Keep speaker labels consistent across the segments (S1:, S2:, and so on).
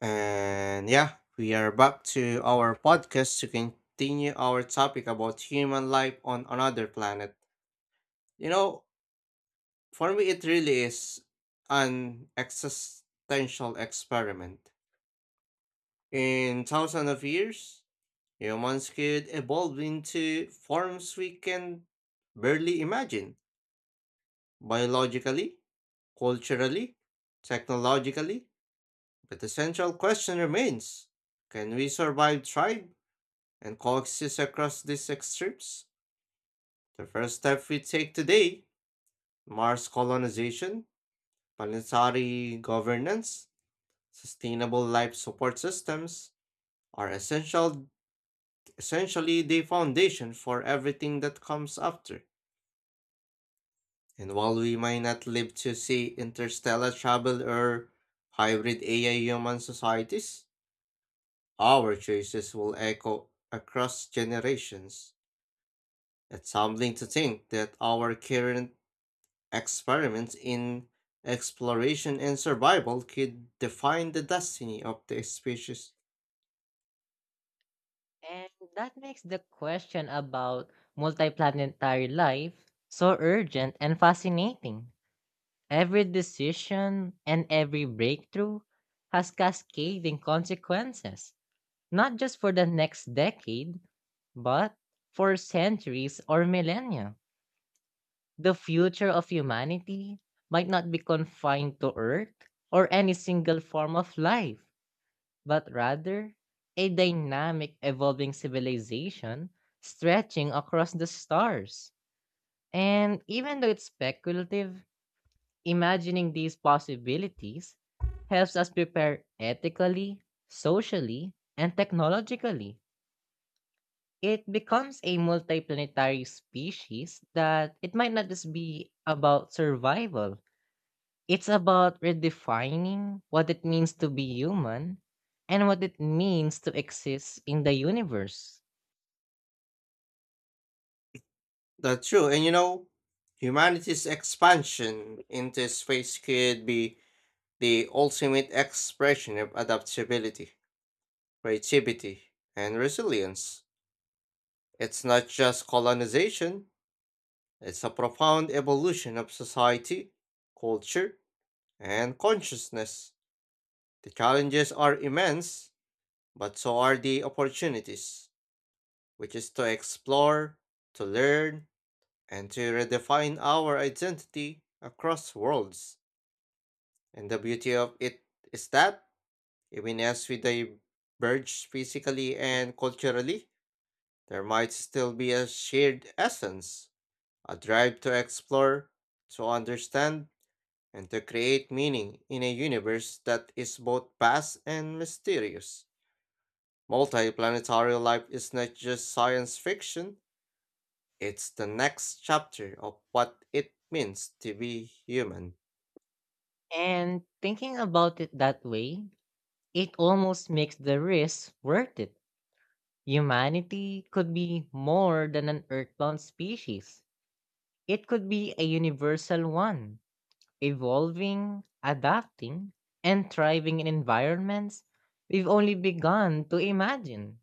S1: And yeah, we are back to our podcast to continue our topic about human life on another planet. You know, for me, it really is an existential experiment. In thousands of years, humans could evolve into forms we can barely imagine biologically, culturally, technologically. But the central question remains, can we survive, thrive, and collects across these excerpts. The first step we take today, Mars colonization, planetary governance, sustainable life support systems are essentially the foundation for everything that comes after. And while we might not live to see interstellar travel or hybrid AI human societies, our choices will echo across generations. It's humbling to think that our current experiments in exploration and survival could define the destiny of the species.
S2: And that makes the question about multiplanetary life so urgent and fascinating. Every decision and every breakthrough has cascading consequences, not just for the next decade, but for centuries or millennia. The future of humanity might not be confined to Earth or any single form of life, but rather a dynamic, evolving civilization stretching across the stars. And even though it's speculative, imagining these possibilities helps us prepare ethically, socially, and technologically. It becomes a multiplanetary species that it might not just be about survival. It's about redefining what it means to be human and what it means to exist in the universe.
S1: That's true, and you know, humanity's expansion into space could be the ultimate expression of adaptability, creativity, and resilience. It's not just colonization, it's a profound evolution of society, culture, and consciousness. The challenges are immense, but so are the opportunities, which is to explore, to learn, and to redefine our identity across worlds. And the beauty of it is that, even as we diverge physically and culturally, there might still be a shared essence, a drive to explore, to understand, and to create meaning in a universe that is both vast and mysterious. Multiplanetary life is not just science fiction, it's the next chapter of what it means to be human.
S2: And thinking about it that way, it almost makes the risk worth it. Humanity could be more than an earthbound species, it could be a universal one, evolving, adapting, and thriving in environments we've only begun to imagine.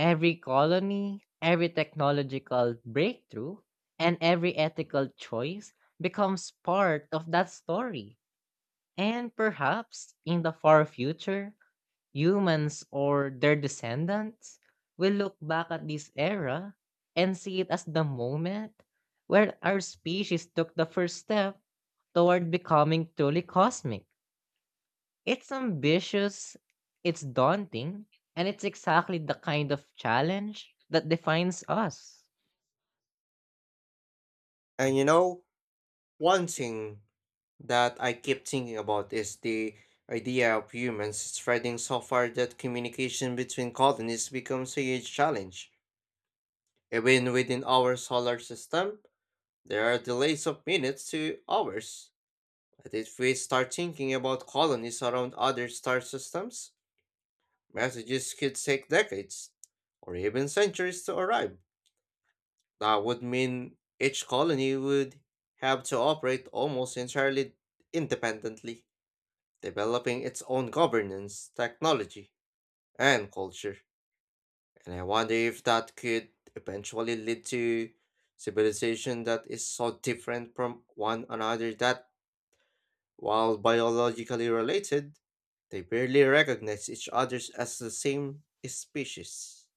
S2: Every colony, every technological breakthrough, and every ethical choice becomes part of that story. And perhaps in the far future, humans or their descendants will look back at this era and see it as the moment where our species took the first step toward becoming truly cosmic. It's ambitious, it's daunting, and it's exactly the kind of challenge that defines us.
S1: And you know, one thing that I keep thinking about is the idea of humans spreading so far that communication between colonies becomes a huge challenge. Even within our solar system, there are delays of minutes to hours. But if we start thinking about colonies around other star systems, messages could take decades or even centuries to arrive. That would mean each colony would have to operate almost entirely independently, developing its own governance, technology, and culture. And I wonder if that could eventually lead to civilization that is so different from one another that, while biologically related, they barely recognize each other as the same species.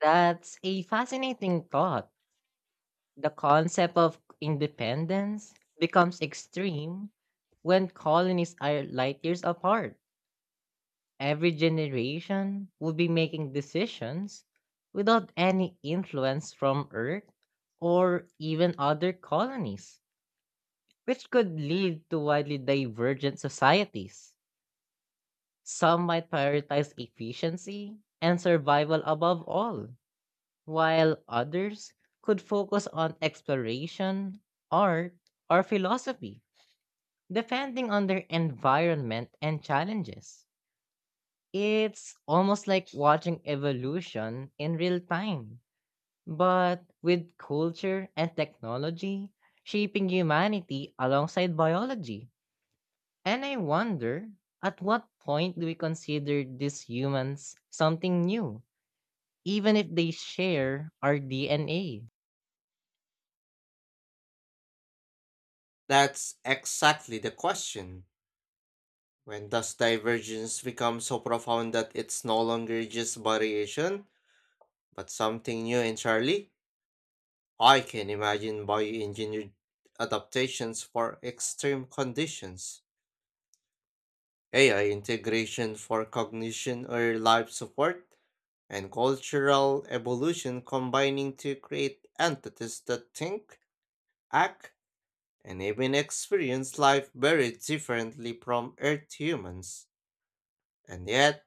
S2: That's a fascinating thought. The concept of independence becomes extreme when colonies are light years apart. Every generation will be making decisions without any influence from Earth or even other colonies, which could lead to widely divergent societies. Some might prioritize efficiency and survival above all, while others could focus on exploration, art, or philosophy, depending on their environment and challenges. It's almost like watching evolution in real time, but with culture and technology shaping humanity alongside biology. And I wonder, at what point do we consider these humans something new, even if they share our DNA?
S1: That's exactly the question. When does divergence become so profound that it's no longer just variation, but something new entirely? I can imagine bioengineered adaptations for extreme conditions, AI integration for cognition or life support, and cultural evolution combining to create entities that think, act, and even experience life very differently from Earth humans. And yet,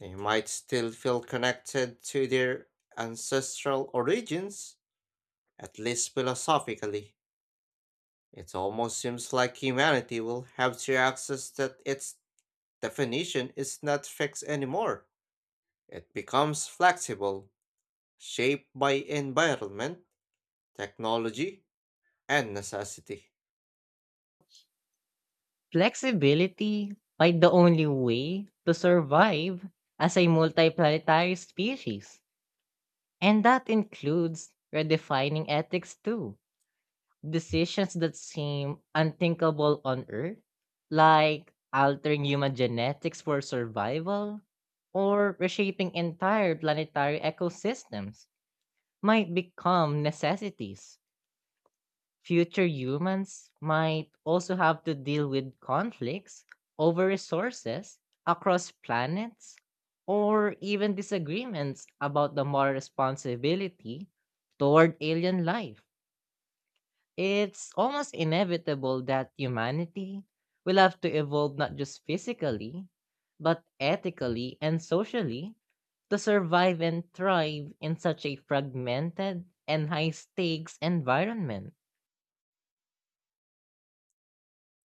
S1: they might still feel connected to their ancestral origins, at least philosophically. It almost seems like humanity will have to access that its definition is not fixed anymore. It becomes flexible, shaped by environment, technology, and necessity.
S2: Flexibility might the only way to survive as a multiplanetary species. And that includes redefining ethics too. Decisions that seem unthinkable on Earth, like altering human genetics for survival, or reshaping entire planetary ecosystems, might become necessities. Future humans might also have to deal with conflicts over resources across planets, or even disagreements about the moral responsibility toward alien life. It's almost inevitable that humanity will have to evolve not just physically, but ethically and socially to survive and thrive in such a fragmented and high stakes environment.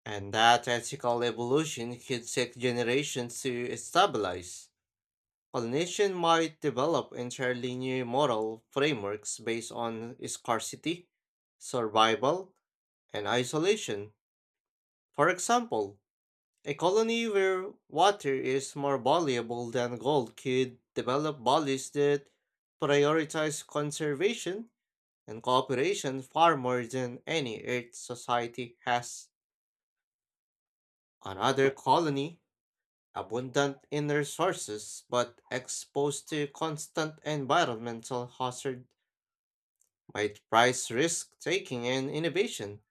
S1: And that ethical evolution could take generations to stabilize. A nation might develop entirely new moral frameworks based on scarcity, survival, and isolation. For example, a colony where water is more valuable than gold could develop policies that prioritize conservation and cooperation far more than any Earth society has. Another colony, abundant in resources but exposed to constant environmental hazard, might price risk taking and innovation.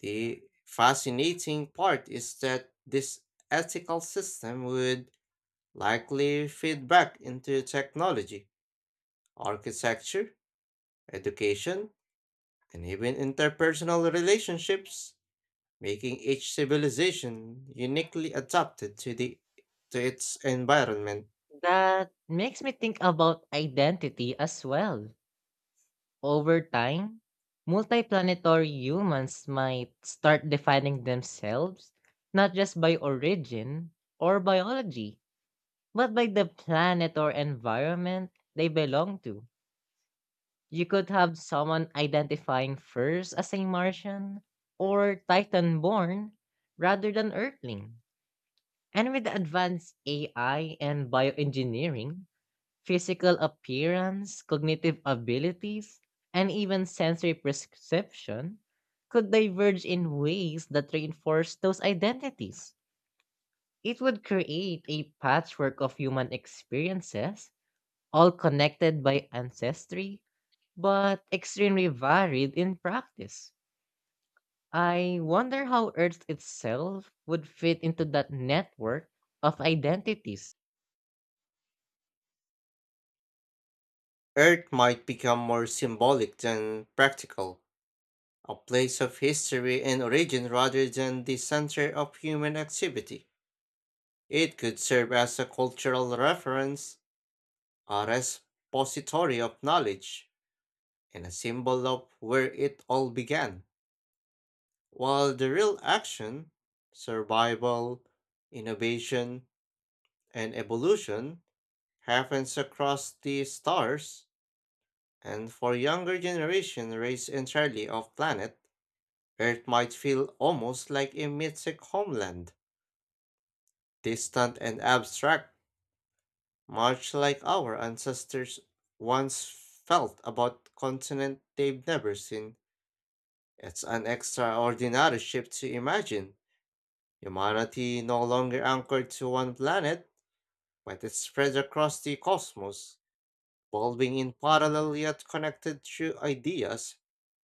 S1: The fascinating part is that this ethical system would likely feed back into technology, architecture, education, and even interpersonal relationships, making each civilization uniquely adapted to the to its environment.
S2: That makes me think about identity as well. Over time, multiplanetary humans might start defining themselves not just by origin or biology, but by the planet or environment they belong to. You could have someone identifying first as a Martian or Titan born rather than Earthling. And with advanced AI and bioengineering, physical appearance, cognitive abilities, and even sensory perception could diverge in ways that reinforce those identities. It would create a patchwork of human experiences all connected by ancestry, but extremely varied in practice. I wonder how Earth itself would fit into that network of identities.
S1: Earth might become more symbolic than practical, a place of history and origin rather than the center of human activity. It could serve as a cultural reference, a repository of knowledge, and a symbol of where it all began, while the real action, survival, innovation, and evolution happens across the stars, and for younger generation raised entirely off planet, Earth might feel almost like a mythic homeland, distant and abstract, much like our ancestors once felt about continent they've never seen. It's an extraordinary shift to imagine. Humanity no longer anchored to one planet, but is spread across the cosmos, evolving in parallel yet connected through ideas,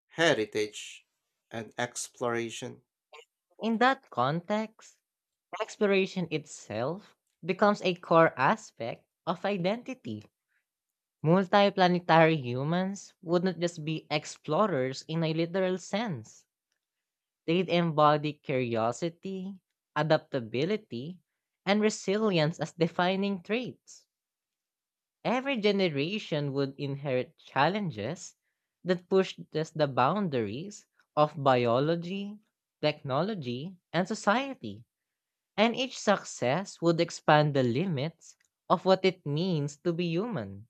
S1: heritage, and exploration.
S2: In that context, exploration itself becomes a core aspect of identity. Multiplanetary humans would not just be explorers in a literal sense. They'd embody curiosity, adaptability, and resilience as defining traits. Every generation would inherit challenges that pushed just the boundaries of biology, technology, and society. And each success would expand the limits of what it means to be human.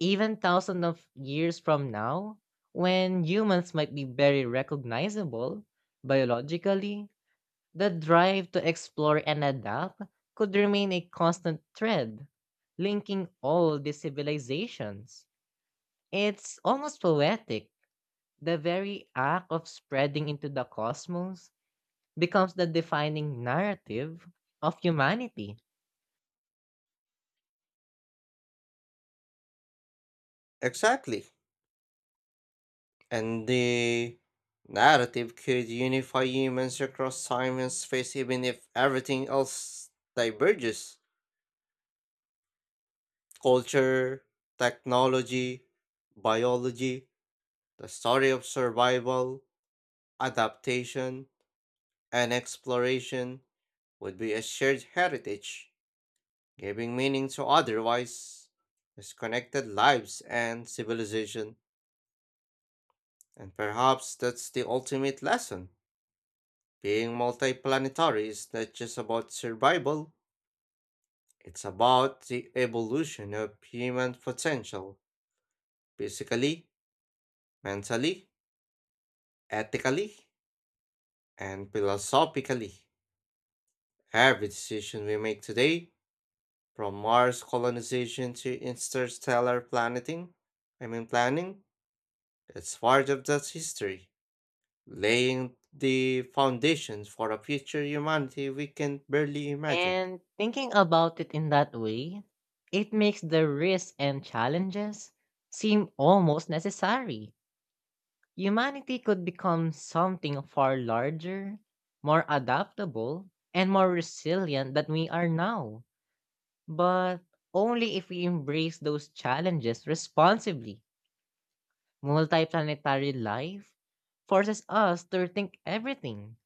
S2: Even thousands of years from now, when humans might be very recognizable biologically, the drive to explore and adapt could remain a constant thread, linking all the civilizations. It's almost poetic. The very act of spreading into the cosmos becomes the defining narrative of humanity.
S1: Exactly. And the narrative could unify humans across time and space even if everything else diverges. Culture, technology, biology, the story of survival, adaptation, and exploration would be a shared heritage, giving meaning to otherwise disconnected lives and civilization. And perhaps that's the ultimate lesson. Being multiplanetary is not just about survival, it's about the evolution of human potential, physically, mentally, ethically, and philosophically. Every decision we make today, from Mars colonization to interstellar planeting, I mean planning, is part of that history, laying the foundations for a future humanity we can barely imagine.
S2: And thinking about it in that way, it makes the risks and challenges seem almost necessary. Humanity could become something far larger, more adaptable, and more resilient than we are now. But only if we embrace those challenges responsibly. Multiplanetary life forces us to rethink everything: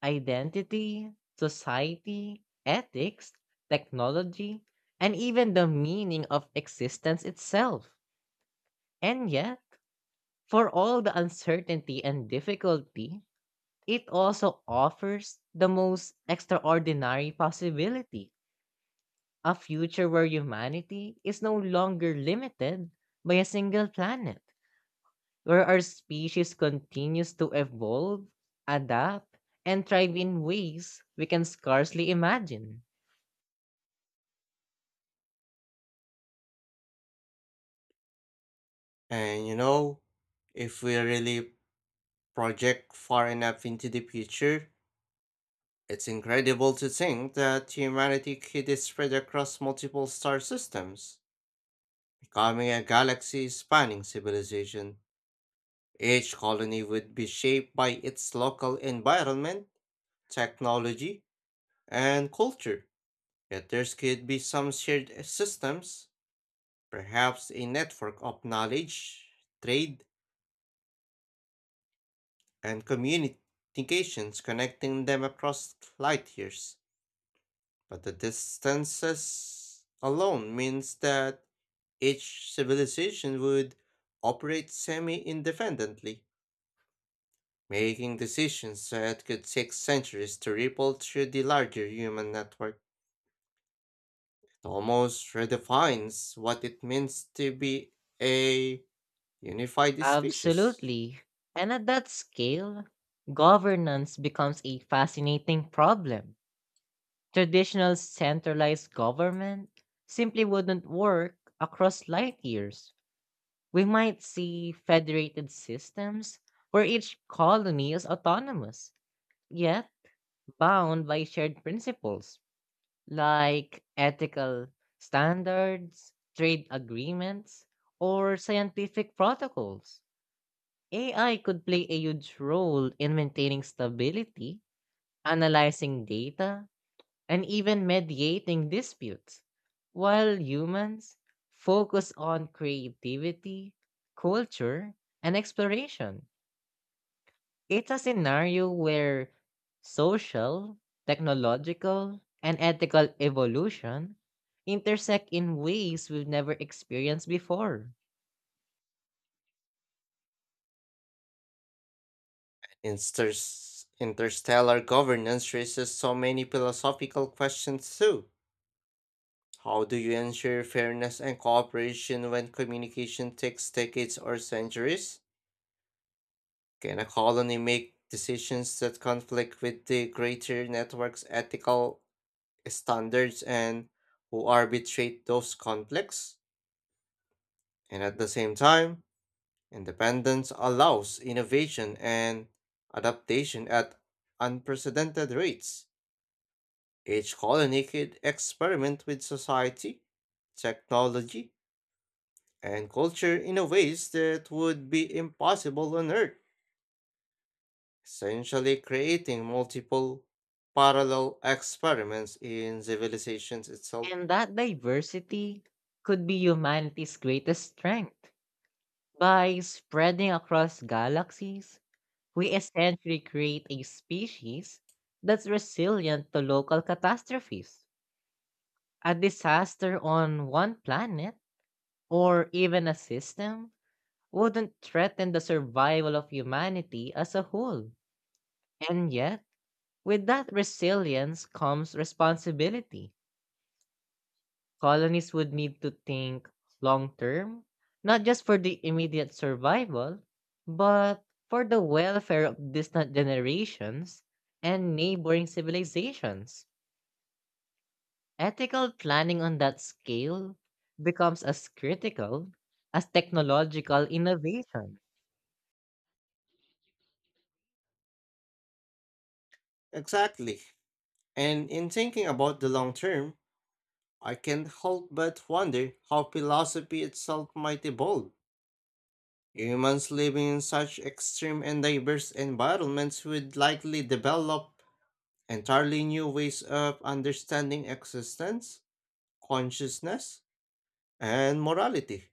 S2: identity, society, ethics, technology, and even the meaning of existence itself. And yet, for all the uncertainty and difficulty, it also offers the most extraordinary possibility: a future where humanity is no longer limited by a single planet, where our species continues to evolve, adapt, and thrive in ways we can scarcely imagine.
S1: And you know, if we really project far enough into the future, it's incredible to think that humanity could spread across multiple star systems, becoming a galaxy spanning civilization. Each colony would be shaped by its local environment, technology, and culture. Yet there could be some shared systems, perhaps a network of knowledge, trade, and communications connecting them across light years. But the distances alone means that each civilization would operate semi independently, making decisions that could take centuries to ripple through the larger human network. It almost redefines what it means to be a unified species.
S2: Absolutely. And at that scale, governance becomes a fascinating problem. Traditional centralized government simply wouldn't work across light years. We might see federated systems where each colony is autonomous, yet bound by shared principles like ethical standards, trade agreements, or scientific protocols. AI could play a huge role in maintaining stability, analyzing data, and even mediating disputes, while humans focus on creativity, culture, and exploration. It's a scenario where social, technological, and ethical evolution intersect in ways we've never experienced before.
S1: Interstellar governance raises so many philosophical questions too. How do you ensure fairness and cooperation when communication takes decades or centuries? Can a colony make decisions that conflict with the greater network's ethical standards, and who arbitrate those conflicts? And at the same time, independence allows innovation and adaptation at unprecedented rates. Each colony could experiment with society, technology, and culture in a ways that would be impossible on Earth, essentially creating multiple parallel experiments in civilizations itself.
S2: And that diversity could be humanity's greatest strength. By spreading across galaxies, we essentially create a species that's resilient to local catastrophes. A disaster on one planet or even a system wouldn't threaten the survival of humanity as a whole. And yet, with that resilience comes responsibility. Colonies would need to think long term, not just for the immediate survival, but for the welfare of distant generations and neighboring civilizations. Ethical planning on that scale becomes as critical as technological innovation.
S1: Exactly. And in thinking about the long term, I can't help but wonder how philosophy itself might evolve. Humans living in such extreme and diverse environments would likely develop entirely new ways of understanding existence, consciousness, and morality.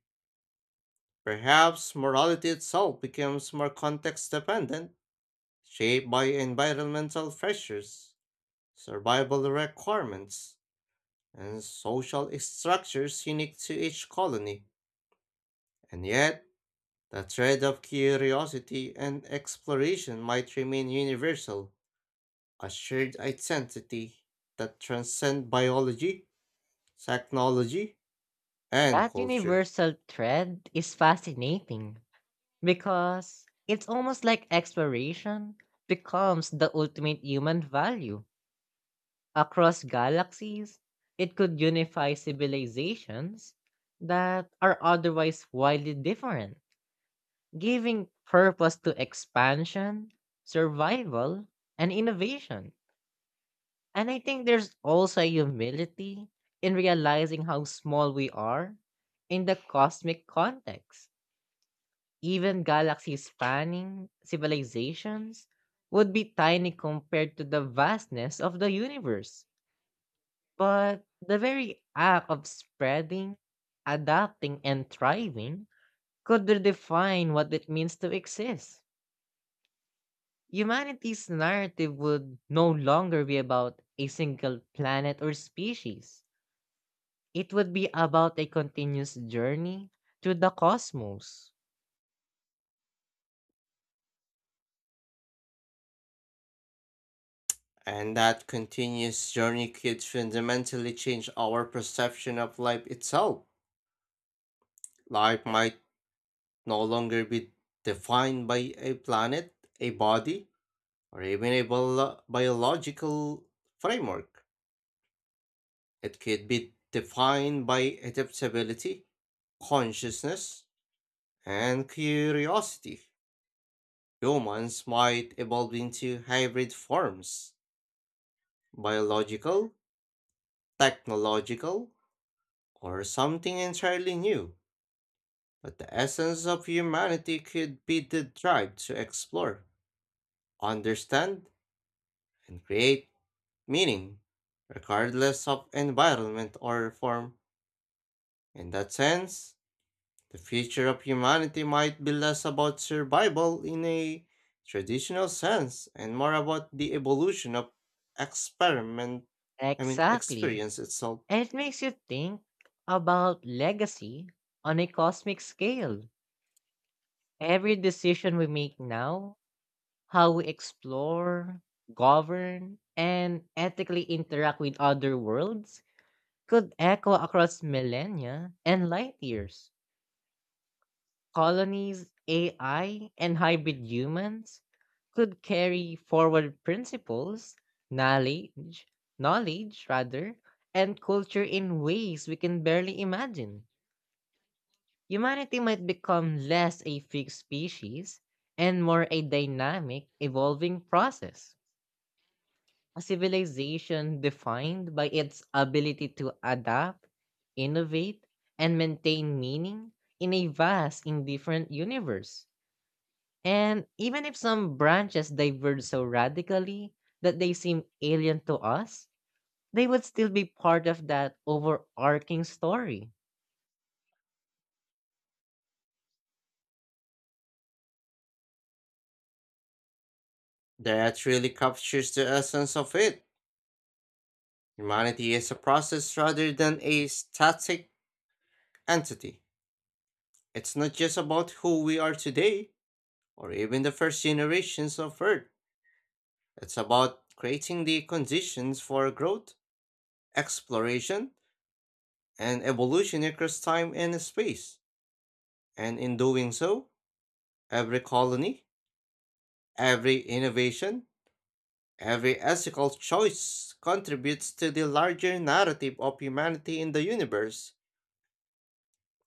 S1: Perhaps morality itself becomes more context dependent, shaped by environmental pressures, survival requirements, and social structures unique to each colony. And yet, the thread of curiosity and exploration might remain universal, a shared identity that transcends biology, technology, and
S2: That
S1: culture.
S2: universal thread is fascinating because it's almost like exploration becomes the ultimate human value. Across galaxies, it could unify civilizations that are otherwise widely different, giving purpose to expansion, survival, and innovation. And I think there's also a humility in realizing how small we are in the cosmic context. Even galaxy spanning civilizations would be tiny compared to the vastness of the universe. But the very act of spreading, adapting, and thriving could redefine what it means to exist. Humanity's narrative would no longer be about a single planet or species. It would be about a continuous journey through the cosmos.
S1: And that continuous journey could fundamentally change our perception of life itself. Life might no longer be defined by a planet, a body, or even a biological framework. It could be defined by adaptability, consciousness, and curiosity. Humans might evolve into hybrid forms, biological, technological, or something entirely new. But the essence of humanity could be the drive to explore, understand, and create meaning, regardless of environment or form. In that sense, the future of humanity might be less about survival in a traditional sense and more about the evolution of experiment,
S2: Exactly.
S1: experience itself.
S2: And it makes you think about legacy on a cosmic scale. Every decision we make now, how we explore, govern, and ethically interact with other worlds, could echo across millennia and light years. Colonies, AI, and hybrid humans could carry forward principles, knowledge, knowledge, and culture in ways we can barely imagine. Humanity might become less a fixed species and more a dynamic, evolving process, a civilization defined by its ability to adapt, innovate, and maintain meaning in a vast, indifferent universe. And even if some branches diverge so radically that they seem alien to us, they would still be part of that overarching story.
S1: That really captures the essence of it. Humanity is a process rather than a static entity. It's not just about who we are today, or even the first generations of Earth. It's about creating the conditions for growth, exploration, and evolution across time and space. And in doing so, every colony, every innovation, every ethical choice contributes to the larger narrative of humanity in the universe,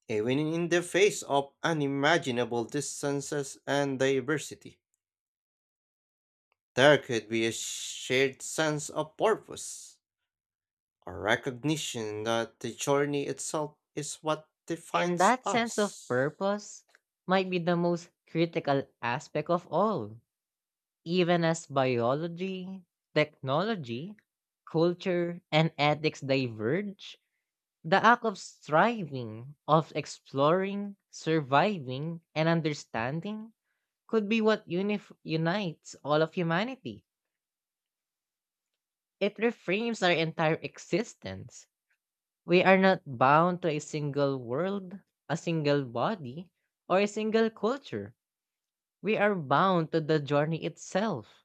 S1: even in the face of unimaginable distances and diversity. There could be a shared sense of purpose, a recognition that the journey itself is what
S2: And
S1: defines
S2: that sense of
S1: us.
S2: purpose might be the most critical aspect of all. Even as biology, technology, culture, and ethics diverge, the act of striving, of exploring, surviving, and understanding could be what unites all of humanity. It reframes our entire existence. We are not bound to a single world, a single body, or a single culture. We are bound to the journey itself,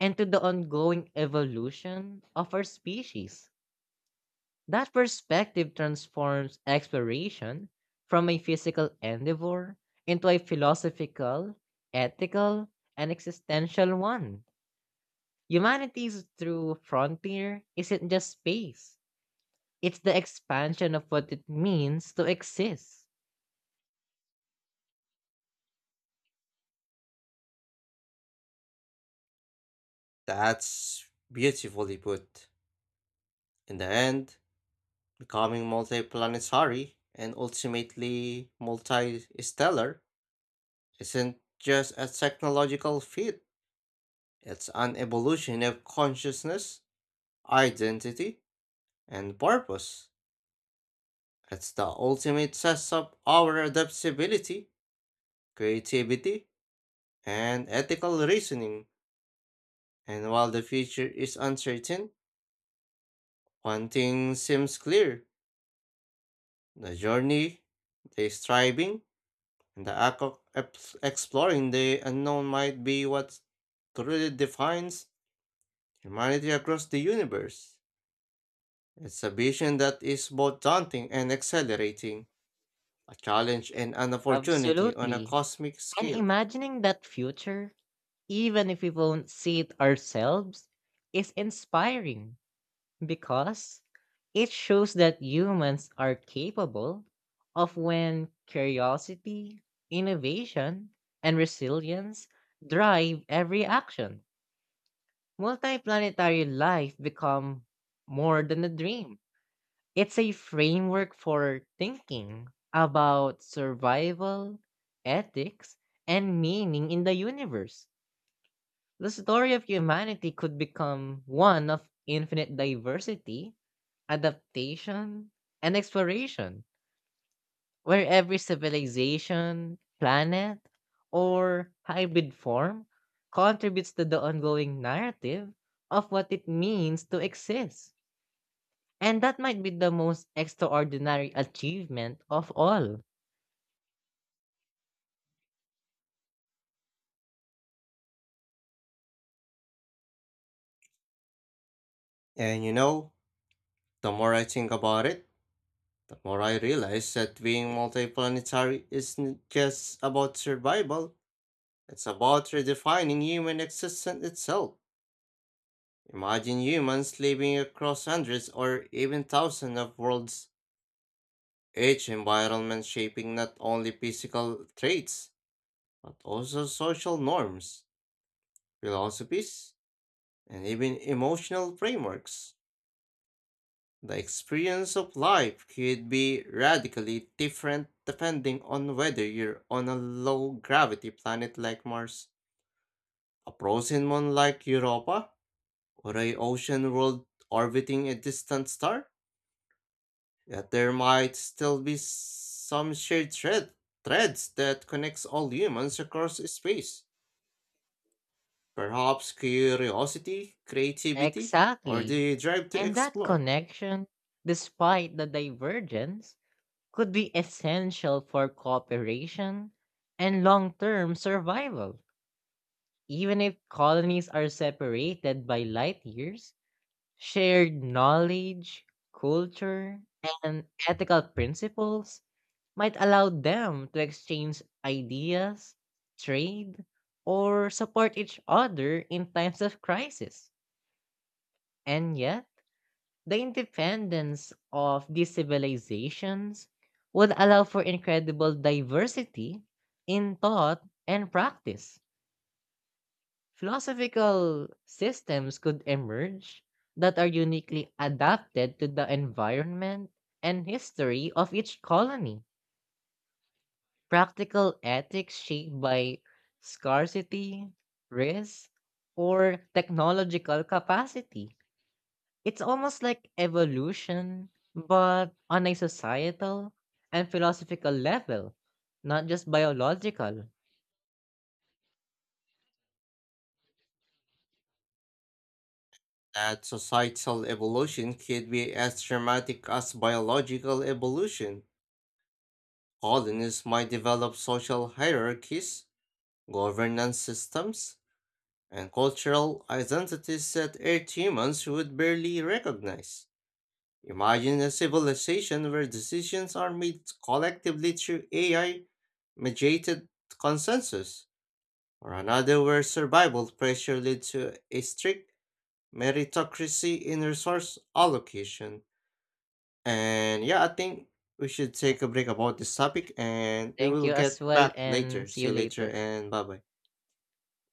S2: and to the ongoing evolution of our species. That perspective transforms exploration from a physical endeavor into a philosophical, ethical, and existential one. Humanity's true frontier isn't just space, it's the expansion of what it means to exist.
S1: That's beautifully put. In the end, becoming multiplanetary and ultimately multi-stellar isn't just a technological feat, it's an evolution of consciousness, identity, and purpose. It's the ultimate test of our adaptability, creativity, and ethical reasoning. And while the future is uncertain, one thing seems clear: the journey, the striving, and the act of exploring the unknown might be what truly defines humanity across the universe. It's a vision that is both daunting and exhilarating, a challenge and an opportunity on a
S2: Absolutely.
S1: cosmic
S2: And
S1: scale.
S2: imagining that future, even if we won't see it ourselves, is inspiring because it shows that humans are capable of when curiosity, innovation, and resilience drive every action. Multiplanetary life become more than a dream. It's a framework for thinking about survival, ethics, and meaning in the universe. The story of humanity could become one of infinite diversity, adaptation, and exploration, where every civilization, planet, or hybrid form contributes to the ongoing narrative of what it means to exist. And that might be the most extraordinary achievement of all.
S1: And you know, the more I think about it, the more I realize that being multiplanetary isn't just about survival, it's about redefining human existence itself. Imagine humans living across hundreds or even thousands of worlds, each environment shaping not only physical traits, but also social norms, philosophies, and even emotional frameworks. The experience of life could be radically different depending on whether you're on a low gravity planet like Mars, a frozen moon like Europa, or a ocean world orbiting a distant star. Yet there might still be some shared threads that connects all humans across space. Perhaps curiosity, creativity, or
S2: Exactly.
S1: the drive to
S2: And that
S1: explore.
S2: connection, despite the divergence, could be essential for cooperation and long term survival. Even if colonies are separated by light years, shared knowledge, culture, and ethical principles might allow them to exchange ideas, trade, or support each other in times of crisis. And yet, the independence of these civilizations would allow for incredible diversity in thought and practice. Philosophical systems could emerge that are uniquely adapted to the environment and history of each colony. Practical ethics shaped by scarcity, risk, or technological capacity. It's almost like evolution, but on a societal and philosophical level, not just biological.
S1: That societal evolution could be as dramatic as biological evolution. Colonies might develop social hierarchies, governance systems, and cultural identities that Earth humans would barely recognize. Imagine a civilization where decisions are made collectively through AI mediated consensus, or another where survival pressure leads to a strict meritocracy in resource allocation. And yeah, I think we should take a break about this topic and we
S2: Thank
S1: will
S2: you as
S1: get
S2: well,
S1: back
S2: and
S1: later.
S2: see
S1: See
S2: you
S1: you later,
S2: later.
S1: and bye bye.